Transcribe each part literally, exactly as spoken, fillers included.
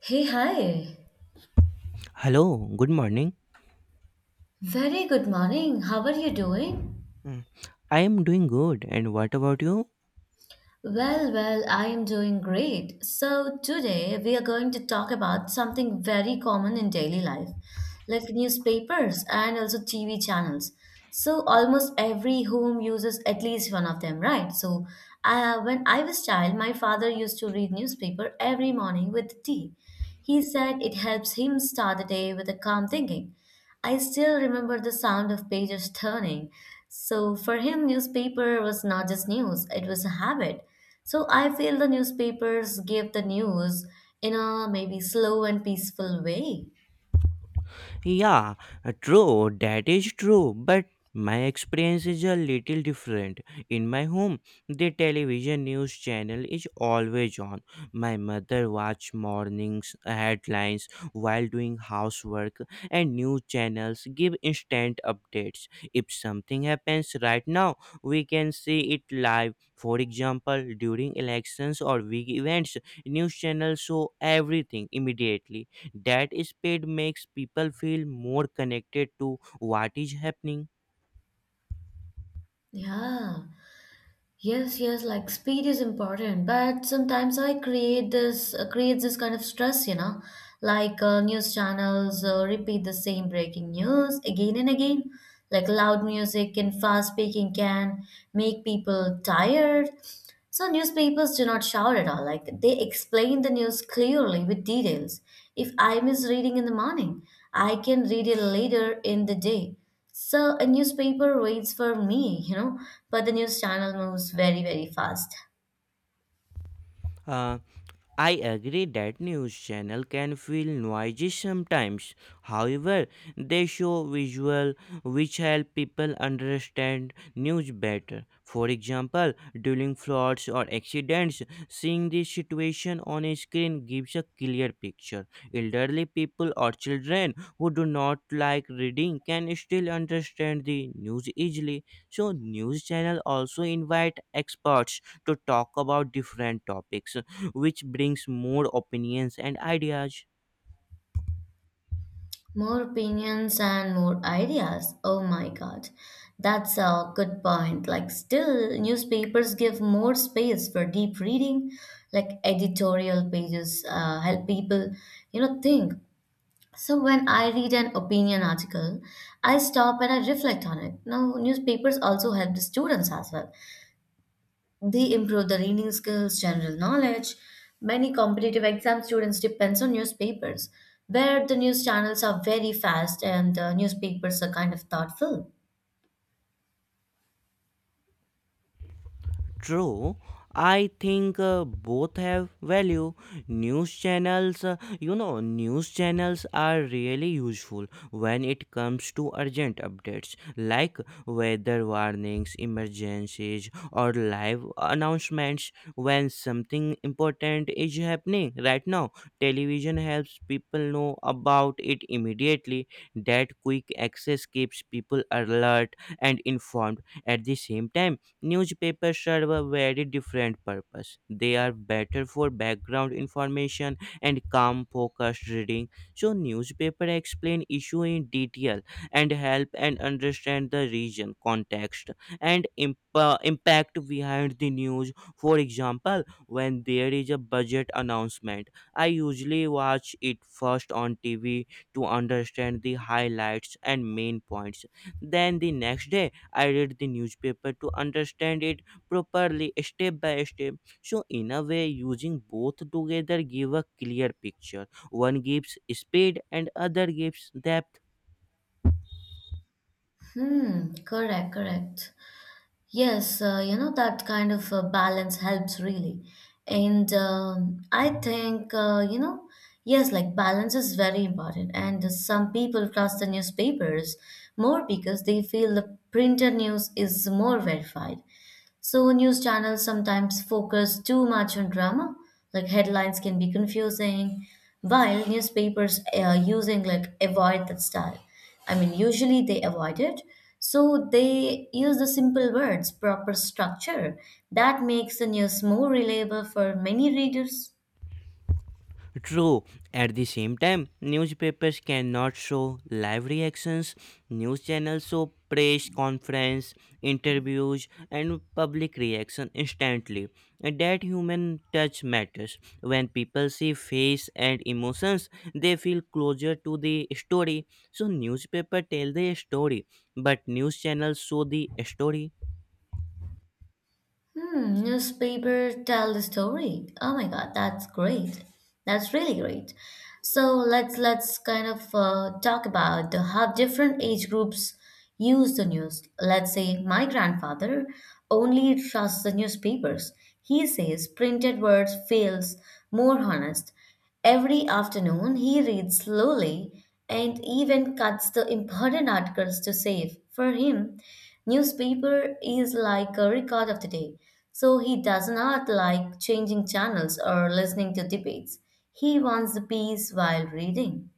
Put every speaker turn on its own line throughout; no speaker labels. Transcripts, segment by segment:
Hey, hi.
Hello, good morning.
Very good morning. How are you doing?
Mm, I am doing good, and what about you?
Well, well, I am doing great. So, today we are going to talk about something very common in daily life, like newspapers and also T V channels. So, almost every home uses at least one of them, right? So, uh, when I was child, my father used to read newspaper every morning with tea. He said it helps him start the day with a calm thinking. I still remember the sound of pages turning. So for him, newspaper was not just news, it was a habit. So I feel the newspapers gave the news in a maybe slow and peaceful way.
Yeah, uh, True, that is true, but my experience is a little different. In my home, the television news channel is always on. My mother watch mornings headlines while doing housework, and news channels give instant updates. If something happens right now, we can see it live. For example, during elections or big events, news channels show everything immediately. That speed makes people feel more connected to what is happening.
Yeah. Yes, yes, like speed is important, but sometimes I create this uh, creates this kind of stress, you know, like uh, news channels uh, repeat the same breaking news again and again. Like loud music and fast speaking can make people tired. So newspapers do not shout at all. Like they explain the news clearly with details. If I miss reading in the morning, I can read it later in the day. So a newspaper waits for me, you know, but the news channel moves very, very fast.
Uh, I agree that news channel can feel noisy sometimes. However, they show visual which help people understand news better. For example, during floods or accidents, seeing the situation on a screen gives a clear picture. Elderly people or children who do not like reading can still understand the news easily. So news channel also invite experts to talk about different topics which brings more opinions and ideas.
More opinions and more ideas. Oh my God. That's a good point. Like, still, newspapers give more space for deep reading, like editorial pages uh, help people, you know, think. So when I read an opinion article, I stop and I reflect on it. Now, newspapers also help the students as well. They improve the reading skills, general knowledge. Many competitive exam students depends on newspapers, where the news channels are very fast and the newspapers are kind of thoughtful.
True. I think uh, both have value. News channels, uh, you know, news channels are really useful when it comes to urgent updates like weather warnings, emergencies, or live announcements when something important is happening right now. Television helps people know about it immediately. That quick access keeps people alert and informed at the same time. Newspapers serve a very different purpose. They are better for background information and calm, focused reading. So, newspaper explain issue in detail and help and understand the region, context, and imp- uh, impact behind the news. For example, when there is a budget announcement, I usually watch it first on T V to understand the highlights and main points. Then the next day, I read the newspaper to understand it properly step by step. So in a way, using both together give a clear picture. One gives speed and other gives depth.
Hmm, correct, correct. Yes, uh, you know, that kind of uh, balance helps really. And um, I think, uh, you know, yes, like balance is very important. And some people trust the newspapers more because they feel the printed news is more verified. So, news channels sometimes focus too much on drama, like headlines can be confusing, while newspapers uh, using like avoid that style. I mean, usually they avoid it. So, they use the simple words, proper structure. That makes the news more reliable for many readers.
True. At the same time, newspapers cannot show live reactions. News channels show press conference, interviews, and public reaction instantly. And that human touch matters. When people see face and emotions, they feel closer to the story. So newspaper tell the story, but news channels show the story.
Hmm, newspaper tell the story. Oh my God, that's great. That's really great. So let's let's kind of uh, talk about the, how different age groups use the news. Let's say my grandfather only trusts the newspapers. He says printed words feels more honest. Every afternoon, he reads slowly and even cuts the important articles to save. For him, newspaper is like a record of the day, so he does not like changing channels or listening to debates. He wants the peace while reading.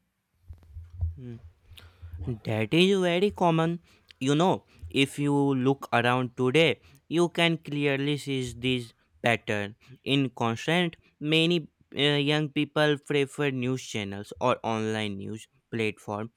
That is very common. You know, if you look around today, you can clearly see this pattern. In constant, many uh, young people prefer news channels or online news platforms.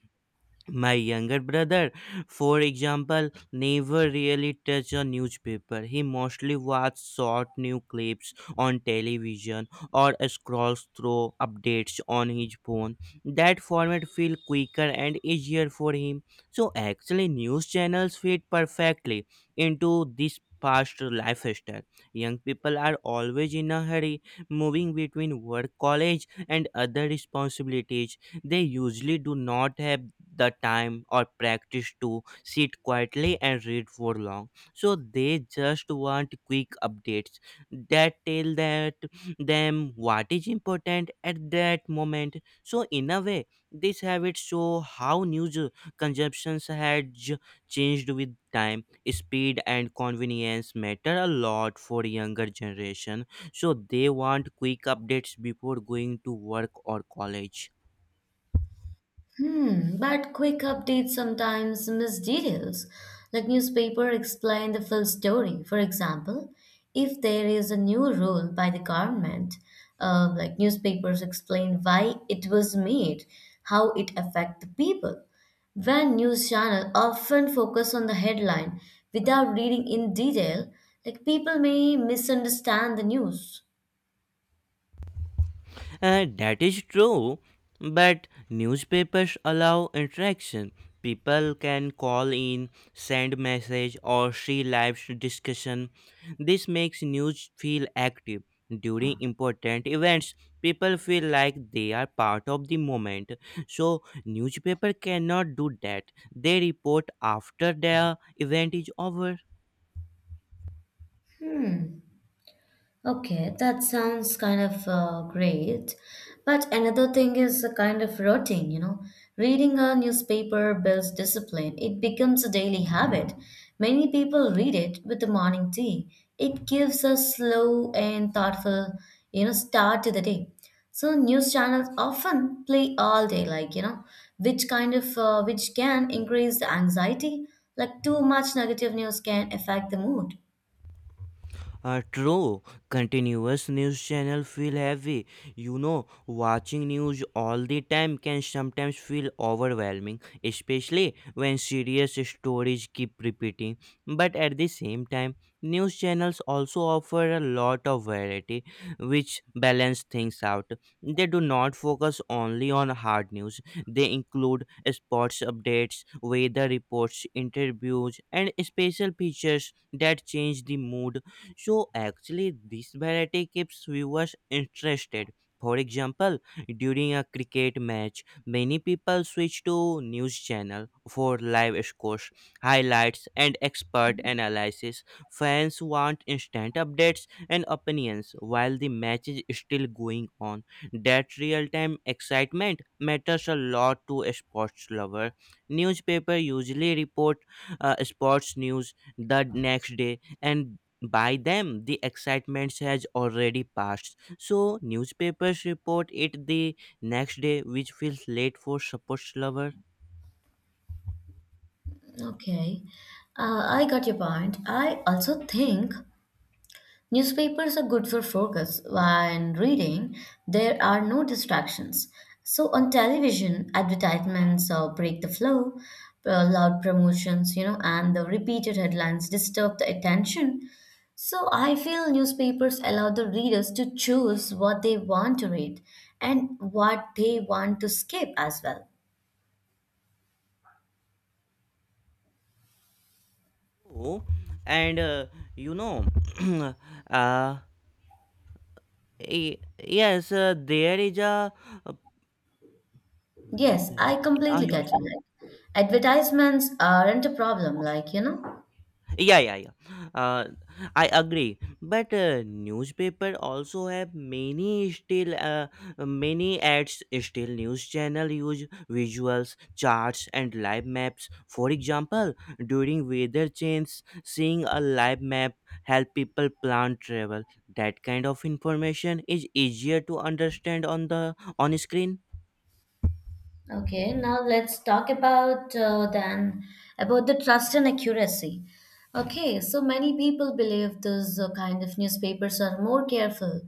My younger brother, for example, never really touched a newspaper. He mostly watches short news clips on television or scrolls through updates on his phone. That format feels quicker and easier for him. So actually, news channels fit perfectly into this fast lifestyle. Young people are always in a hurry, moving between work, college, and other responsibilities. They usually do not have the time or practice to sit quietly and read for long. So they just want quick updates that tell that them what is important at that moment. So in a way, this habit show how news consumptions had j- changed with time. Speed and convenience matter a lot for younger generation, so they want quick updates before going to work or college.
Hmm, but quick updates sometimes miss details. Like newspaper explain the full story. For example, if there is a new rule by the government, uh, like newspapers explain why it was made, how it affect the people. When news channel often focus on the headline without reading in detail, like people may misunderstand the news.
Uh, that is true, but newspapers allow interaction. People can call in, send message, or see live discussion. This makes news feel active. During important events, people feel like they are part of the moment. So newspaper cannot do that. They report after the event is over.
Hmm. Okay, that sounds kind of uh, great. But another thing is a kind of routine, you know. Reading a newspaper builds discipline, it becomes a daily habit. Many people read it with the morning tea. It gives a slow and thoughtful, you know, start to the day. So news channels often play all day, like, you know, which kind of, uh, which can increase the anxiety. Like too much negative news can affect the mood.
Uh, true, continuous news channel feel heavy. You know, watching news all the time can sometimes feel overwhelming, especially when serious stories keep repeating. But at the same time, news channels also offer a lot of variety, which balance things out. They do not focus only on hard news. They include sports updates, weather reports, interviews, and special features that change the mood. So actually, this variety keeps viewers interested. For example, during a cricket match, many people switch to news channel for live scores, highlights, and expert analysis. Fans want instant updates and opinions while the match is still going on. That real-time excitement matters a lot to a sports lover. Newspaper usually report uh, sports news the next day, and by them the excitement has already passed, so newspapers report it the next day, which feels late for sports lover.
Okay, uh, I got your point. I also think newspapers are good for focus when reading. There are no distractions. So on television, advertisements uh, break the flow, uh, loud promotions, you know, and the repeated headlines disturb the attention. So I feel newspapers allow the readers to choose what they want to read and what they want to skip as well.
Oh, and uh, you know uh, y- yes, uh, there is a, a wait,
Yes, I
I
completely get you.
also
Like, advertisements aren't a problem, like, you know,
yeah yeah yeah uh, I agree, but uh, newspaper also have many still uh, many ads. Still news channel use visuals, charts, and live maps. For example, during weather change, seeing a live map help people plan travel. That kind of information is easier to understand on the on screen.
Okay, now let's talk about uh, then about the trust and accuracy. Okay, so many people believe these uh, kind of newspapers are more careful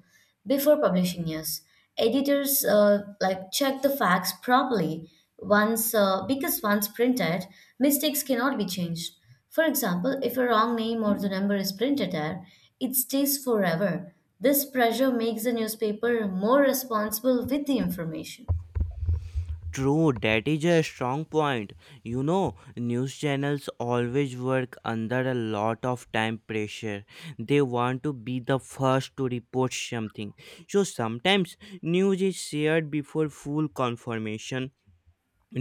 before publishing news. Editors uh, like check the facts properly once uh, because once printed, mistakes cannot be changed. For example, if a wrong name or the number is printed there, it stays forever. This pressure makes the newspaper more responsible with the information.
True, that is a strong point. You know, news channels always work under a lot of time pressure. They want to be the first to report something. So sometimes news is shared before full confirmation.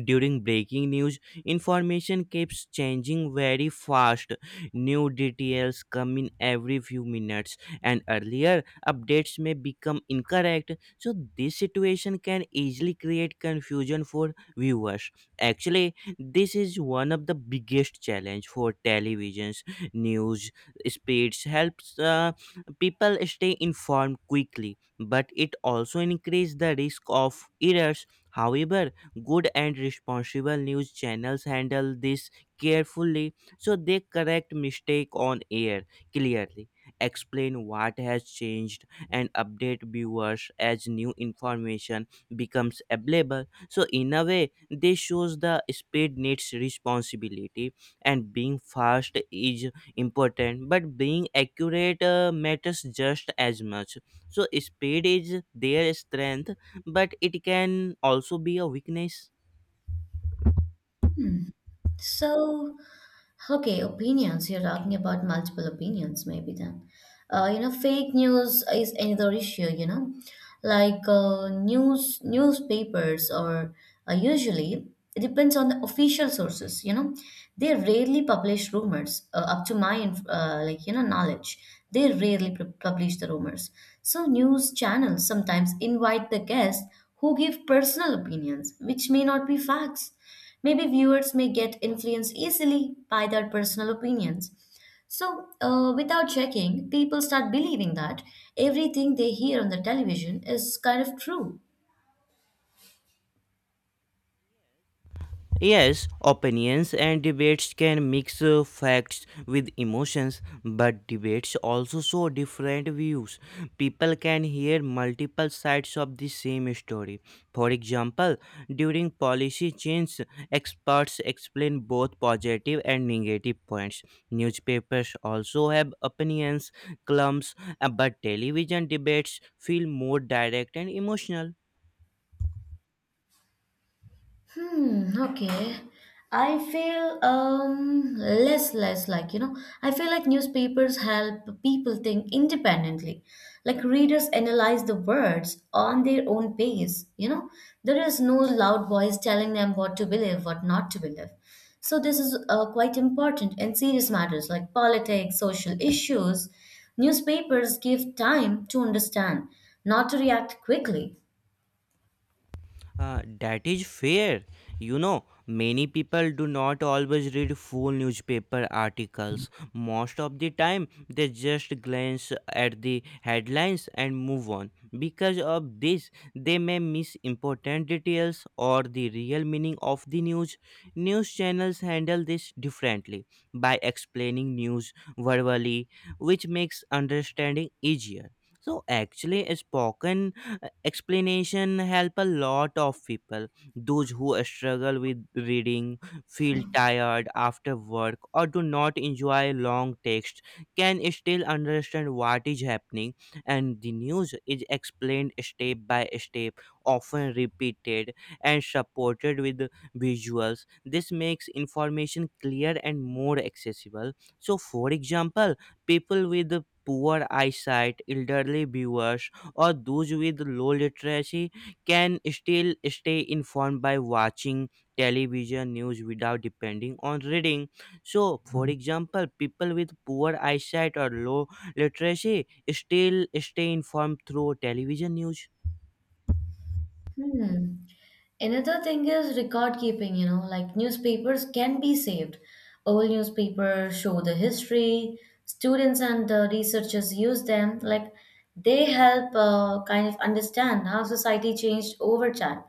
During breaking news, information keeps changing very fast. New details come in every few minutes, and earlier updates may become incorrect. So this situation can easily create confusion for viewers. Actually, this is one of the biggest challenge for televisions news. Speeds helps uh, people stay informed quickly, but it also increases the risk of errors. However, good and responsible news channels handle this carefully. So they correct mistake on air clearly, explain what has changed, and update viewers as new information becomes available. So in a way, this shows the speed needs responsibility, and being fast is important but being accurate uh, matters just as much. So speed is their strength, but it can also be a weakness.
So, okay, opinions. You're talking about multiple opinions, maybe then. Uh, you know, fake news is another issue, you know. Like uh, news, newspapers or uh, usually it depends on the official sources, you know. They rarely publish rumors, uh, up to my inf- uh, like you know knowledge. They rarely pu- publish the rumors. So news channels sometimes invite the guests who give personal opinions, which may not be facts. Maybe viewers may get influenced easily by their personal opinions. So, uh, without checking, people start believing that everything they hear on the television is kind of true.
Yes, opinions and debates can mix uh, facts with emotions, but debates also show different views. People can hear multiple sides of the same story. For example, during policy change, experts explain both positive and negative points. Newspapers also have opinions, columns, uh, but television debates feel more direct and emotional.
Hmm, okay. I feel um less less like, you know, I feel like newspapers help people think independently. Like readers analyze the words on their own pace, you know. There is no loud voice telling them what to believe, what not to believe. So this is uh, quite important in serious matters like politics, social issues. Newspapers give time to understand, not to react quickly.
Uh, that is fair. You know, many people do not always read full newspaper articles. Most of the time, they just glance at the headlines and move on. Because of this, they may miss important details or the real meaning of the news. News channels handle this differently by explaining news verbally, which makes understanding easier. So, actually, spoken explanation help a lot of people. Those who struggle with reading, feel tired after work, or do not enjoy long text can still understand what is happening, and the news is explained step by step, often repeated, and supported with visuals. This makes information clear and more accessible. So for example, people with poor eyesight, elderly viewers, or those with low literacy can still stay informed by watching television news without depending on reading. So, for example, people with poor eyesight or low literacy still stay informed through television news.
Hmm. Another thing is record keeping, you know, like newspapers can be saved. Old newspapers show the history, students and the researchers use them. Like they help uh, kind of understand how society changed over time.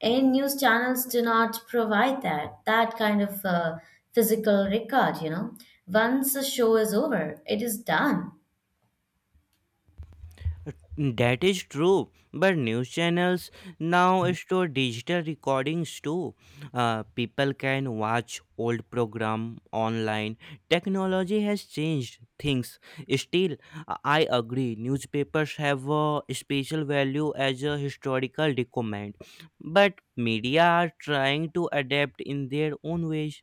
And news channels do not provide that, that kind of uh, physical record, you know. Once a show is over, it is done.
That is true, but news channels now store digital recordings too. Uh, people can watch old program online. Technology has changed things. Still, I agree. Newspapers have a special value as a historical document, but media are trying to adapt in their own ways.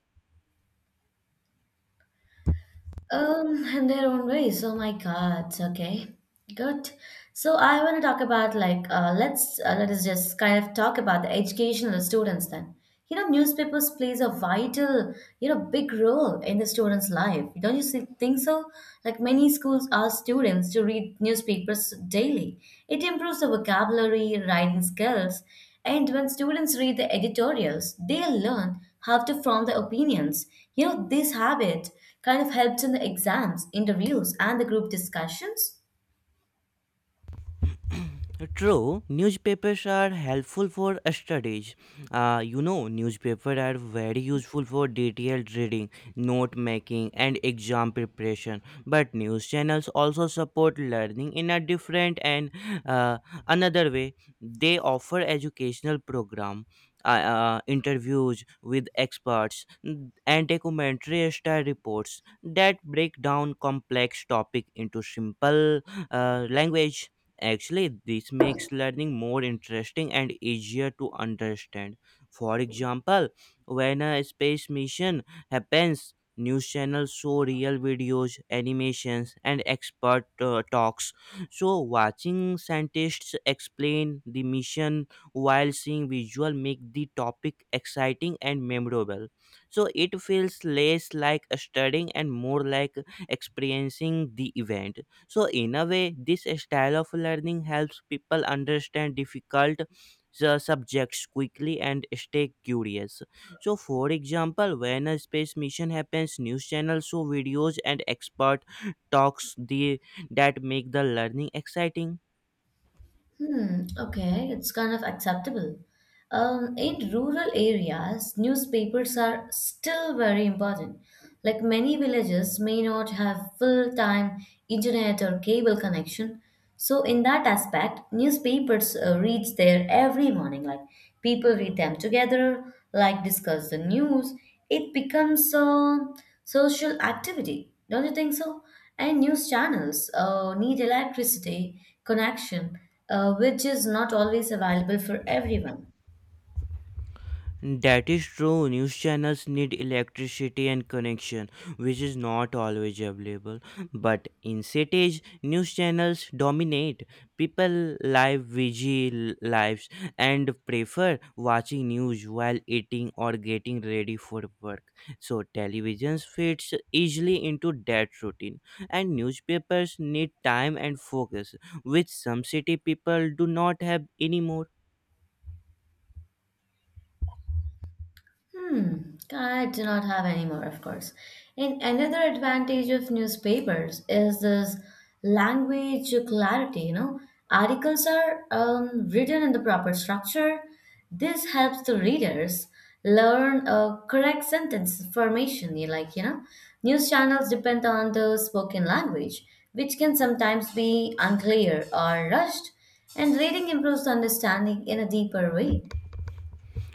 Um, in their own ways. Oh my God. Okay, good. So I want to talk about like uh, let's uh, let us just kind of talk about the educational students then. You know, newspapers plays a vital, you know, big role in the students' life. Don't you see- think so? Like many schools ask students to read newspapers daily. It improves the vocabulary, writing skills, and when students read the editorials, they learn how to form their opinions. You know, this habit kind of helps in the exams, interviews, and the group discussions.
True, newspapers are helpful for studies. Uh, you know, newspapers are very useful for detailed reading, note making, and exam preparation. But news channels also support learning in a different and uh, another way. They offer educational program, uh, uh, interviews with experts, n- and documentary style reports that break down complex topic into simple uh, language. Actually, this makes learning more interesting and easier to understand. For example, when a space mission happens, news channels show real videos, animations, and expert uh, talks. So, watching scientists explain the mission while seeing visual make the topic exciting and memorable. So, it feels less like studying and more like experiencing the event. So in a way, this style of learning helps people understand difficult su- subjects quickly and stay curious. So for example, when a space mission happens, news channels show videos and expert talks. The, that make the learning exciting.
Hmm, okay, it's kind of acceptable. Um, in rural areas, newspapers are still very important. Like many villages may not have full time internet or cable connection. So, in that aspect, newspapers uh, reach there every morning. Like people read them together, like discuss the news. It becomes a social activity. Don't you think so? And news channels uh, need electricity connection, uh, which is not always available for everyone.
That is true. News channels need electricity and connection, which is not always available. But in cities, news channels dominate. People live V G lives and prefer watching news while eating or getting ready for work. So televisions fits easily into that routine, and newspapers need time and focus, which some city people do not have anymore.
Hmm, I do not have any more, of course. And another advantage of newspapers is this language clarity, you know. Articles are um, written in the proper structure. This helps the readers learn a correct sentence formation, you like, you know. News channels depend on the spoken language, which can sometimes be unclear or rushed, and reading improves the understanding in a deeper way.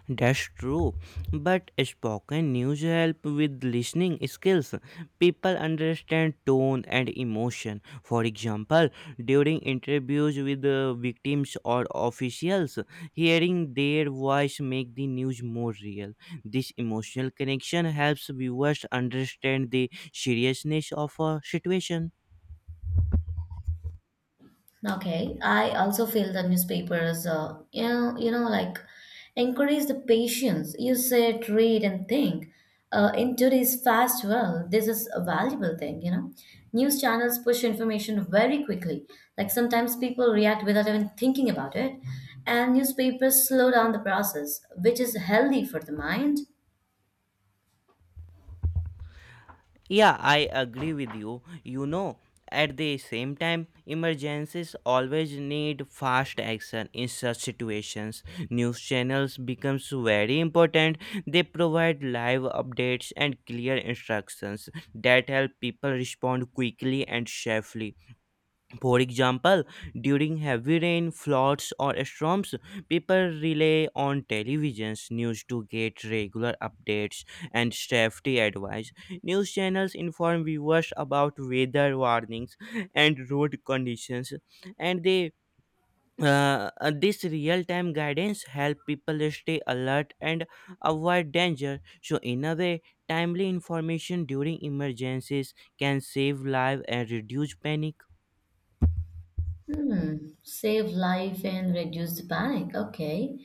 That's true. But spoken news help with listening skills. People understand tone and emotion. For example, during interviews with the victims or officials, hearing their voice make the news more real. This emotional connection helps viewers understand the seriousness of a situation.
Okay, I also feel the newspapers, uh, you know, you know, like encourage the patience. You sit, read, and think. Uh, in today's fast world, this is a valuable thing, you know. News channels push information very quickly. Like sometimes people react without even thinking about it, and newspapers slow down the process, which is healthy for the mind.
Yeah, I agree with you. You know, at the same time, emergencies always need fast action in such situations. News channels becomes very important. They provide live updates and clear instructions that help people respond quickly and safely. For example, during heavy rain, floods, or storms, people rely on television's news to get regular updates and safety advice. News channels inform viewers about weather warnings and road conditions, and they uh, uh, this real-time guidance help people stay alert and avoid danger. So, in a way, timely information during emergencies can save lives and reduce panic.
Hmm, save life and reduce the panic. Okay.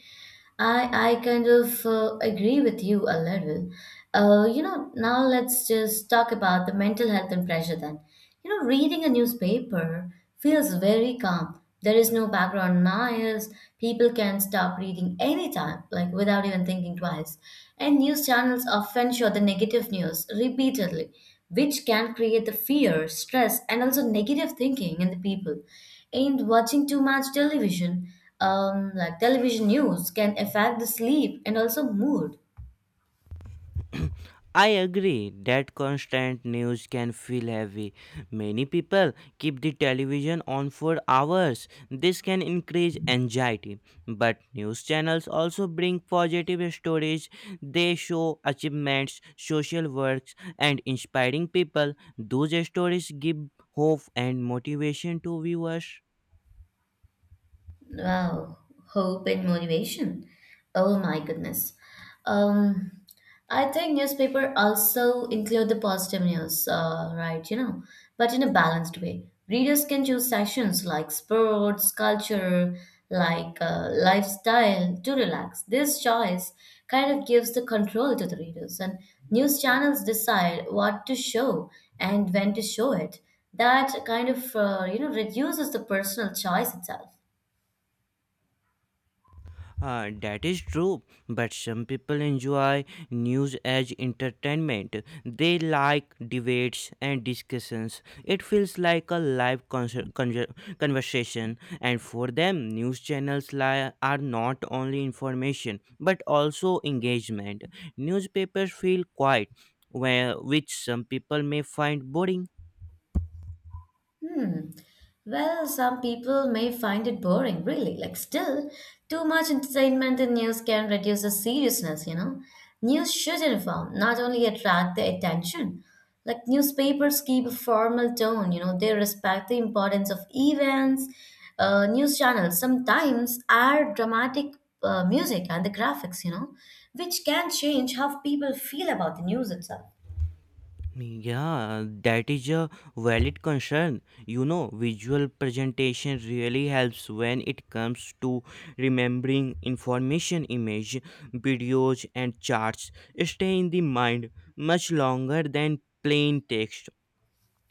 I I kind of uh, agree with you a little. Uh, you know, now let's just talk about the mental health and pressure then. You know, reading a newspaper feels very calm. There is no background noise. People can stop reading anytime, like without even thinking twice. And news channels often show the negative news repeatedly which can create the fear, stress, and also negative thinking in the people. And watching too much television, um, like television news, can affect the sleep and also mood.
I agree that constant news can feel heavy. Many people keep the television on for hours. This can increase anxiety. But news channels also bring positive stories. They show achievements, social works, and inspiring people. Those stories give hope and motivation to viewers.
Wow, hope and motivation. Oh my goodness. Um, I think newspaper also include the positive news, uh, right? You know, but in a balanced way. Readers can choose sections like sports, culture, like uh, lifestyle to relax. This choice kind of gives the control to the readers, and news channels decide what to show and when to show it. That kind of uh, you know reduces the personal choice itself.
Uh, that is true, but some people enjoy news as entertainment. They like debates and discussions. It feels like a live conser- conver- conversation, and for them, news channels li- are not only information but also engagement. Newspapers feel quiet, where, which some people may find boring.
Hmm. Well, some people may find it boring, really. Like, still, too much entertainment in news can reduce the seriousness, you know? News should inform, not only attract the attention. Like, newspapers keep a formal tone, you know, they respect the importance of events. Uh, news channels sometimes add dramatic uh, music and the graphics, you know, which can change how people feel about the news itself.
Yeah, that is a valid concern. You know, visual presentation really helps when it comes to remembering information. Image, videos, and charts stay in the mind much longer than plain text.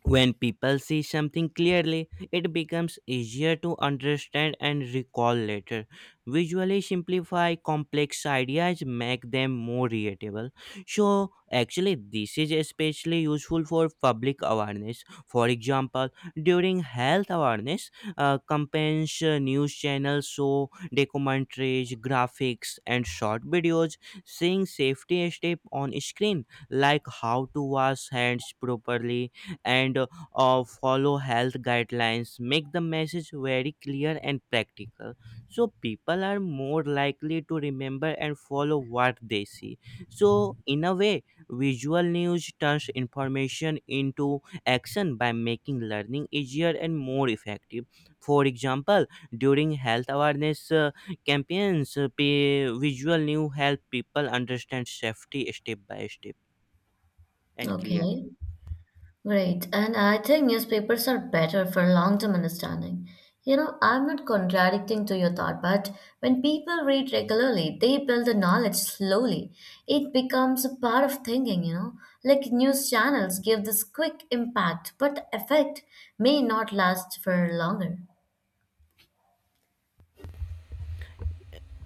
When people see something clearly, it becomes easier to understand and recall later. Visually simplify complex ideas, make them more readable. So, actually, this is especially useful for public awareness. For example, during health awareness uh, campaigns, uh, news channels show documentaries, graphics, and short videos. Seeing safety step on screen, like how to wash hands properly and uh, uh, follow health guidelines make the message very clear and practical, so people are more likely to remember and follow what they see. So in a way, visual news turns information into action by making learning easier and more effective. For example, during health awareness uh, campaigns, uh, pe- visual news help people understand safety step by step and clearly.
Okay. Great. And I think newspapers are better for long-term understanding. You know, I'm not contradicting to your thought, but when people read regularly, they build the knowledge slowly. It becomes a part of thinking, you know. Like news channels give this quick impact, but effect may not last for longer.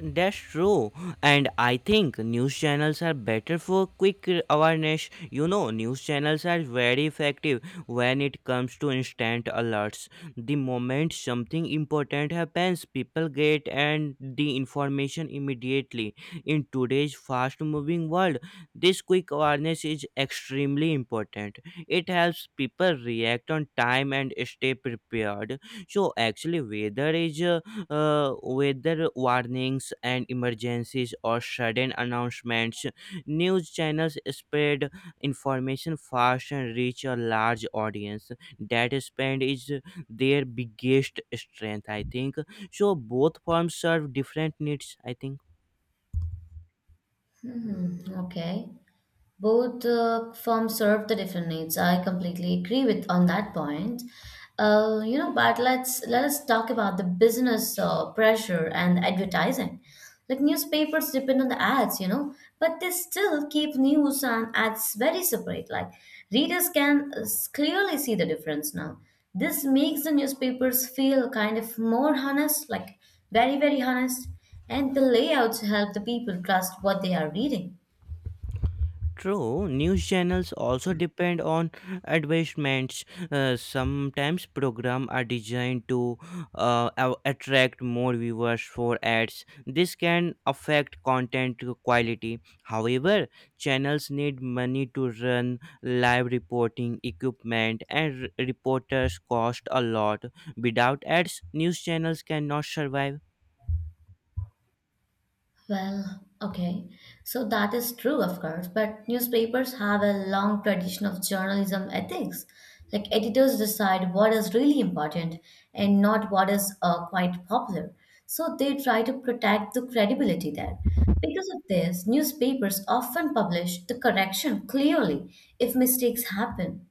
That's true, and I think news channels are better for quick awareness. You know, news channels are very effective when it comes to instant alerts. The moment something important happens, people get and the information immediately. In today's fast-moving world, this quick awareness is extremely important. It helps people react on time and stay prepared. So actually, weather is uh, uh, weather warnings and emergencies or sudden announcements. News channels spread information fast and reach a large audience. That span is their biggest strength, I think. So both forms serve different needs, I think.
Okay. Both uh, firms serve the different needs. I completely agree with on that point. uh, you know, but let's let us talk about the business uh, pressure and advertising. Like newspapers depend on the ads, you know, but they still keep news and ads very separate. Like readers can uh, s- clearly see the difference now. This makes the newspapers feel kind of more honest, like very very honest, and the layouts help the people trust what they are reading.
True, news channels also depend on advertisements. Uh, sometimes programs are designed to uh, a- attract more viewers for ads. This can affect content quality. However, channels need money to run live reporting equipment, and r- reporters cost a lot. Without ads, news channels cannot survive.
Well, okay. So that is true, of course, but newspapers have a long tradition of journalism ethics. Like editors decide what is really important and not what is uh, quite popular. So they try to protect the credibility there. Because of this, newspapers often publish the correction clearly if mistakes happen.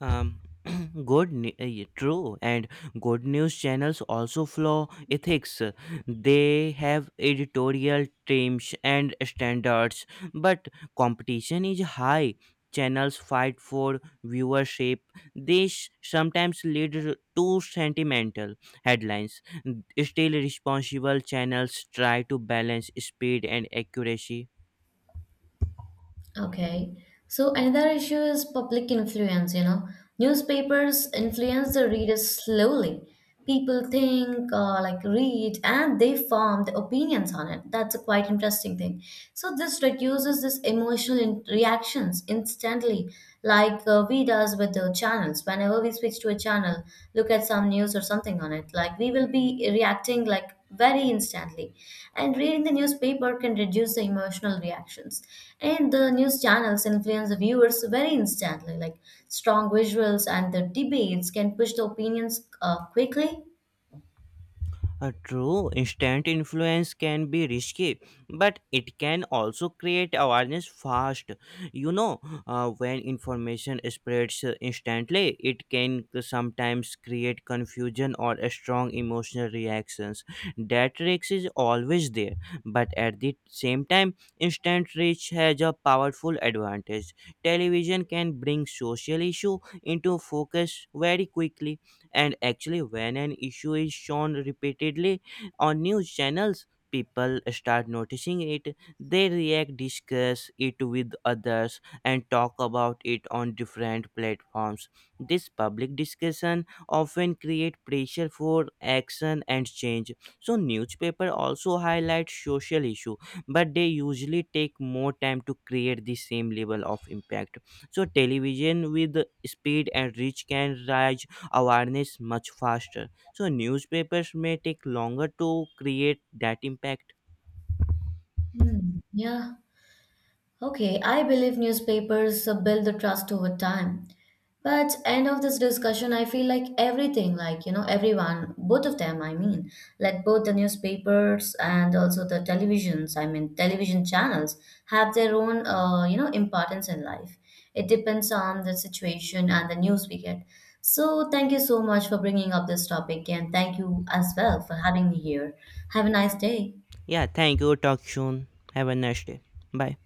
Um, good, ne- eh, true, and good news channels also follow ethics. They have editorial teams and standards, but competition is high. Channels fight for viewership. This sometimes leads to sentimental headlines. Still, responsible channels try to balance speed and accuracy.
Okay. So another issue is public influence, you know. Newspapers influence the readers slowly. People think, uh, like read, and they form the opinions on it. That's a quite interesting thing. So this reduces this emotional in- reactions instantly, like uh, we does with the channels whenever we switch to a channel look at some news or something on it, like we will be reacting like very instantly, and reading the newspaper can reduce the emotional reactions, and the news channels influence the viewers very instantly, like strong visuals and the debates can push the opinions uh, quickly.
Uh, true, instant influence can be risky, but it can also create awareness fast. You know, uh, when information spreads uh, instantly, it can sometimes create confusion or a strong emotional reactions. That risk is always there, but at the same time, instant reach has a powerful advantage. Television can bring social issue into focus very quickly. And actually, when an issue is shown repeatedly on news channels, people start noticing it. They react, discuss it with others, and talk about it on different platforms. This public discussion often create pressure for action and change. So newspaper also highlight social issue, but they usually take more time to create the same level of impact. So television, with speed and reach, can rise awareness much faster. So newspapers may take longer to create that impact.
Hmm, yeah. Okay, I believe newspapers uh, build the trust over time. But end of this discussion, I feel like everything, like you know, everyone, both of them, I mean, like both the newspapers and also the televisions, I mean, television channels have their own, uh, you know, importance in life. It depends on the situation and the news we get. So thank you so much for bringing up this topic, and thank you as well for having me here. Have a nice day.
Yeah, thank you. Talk soon. Have a nice day. Bye.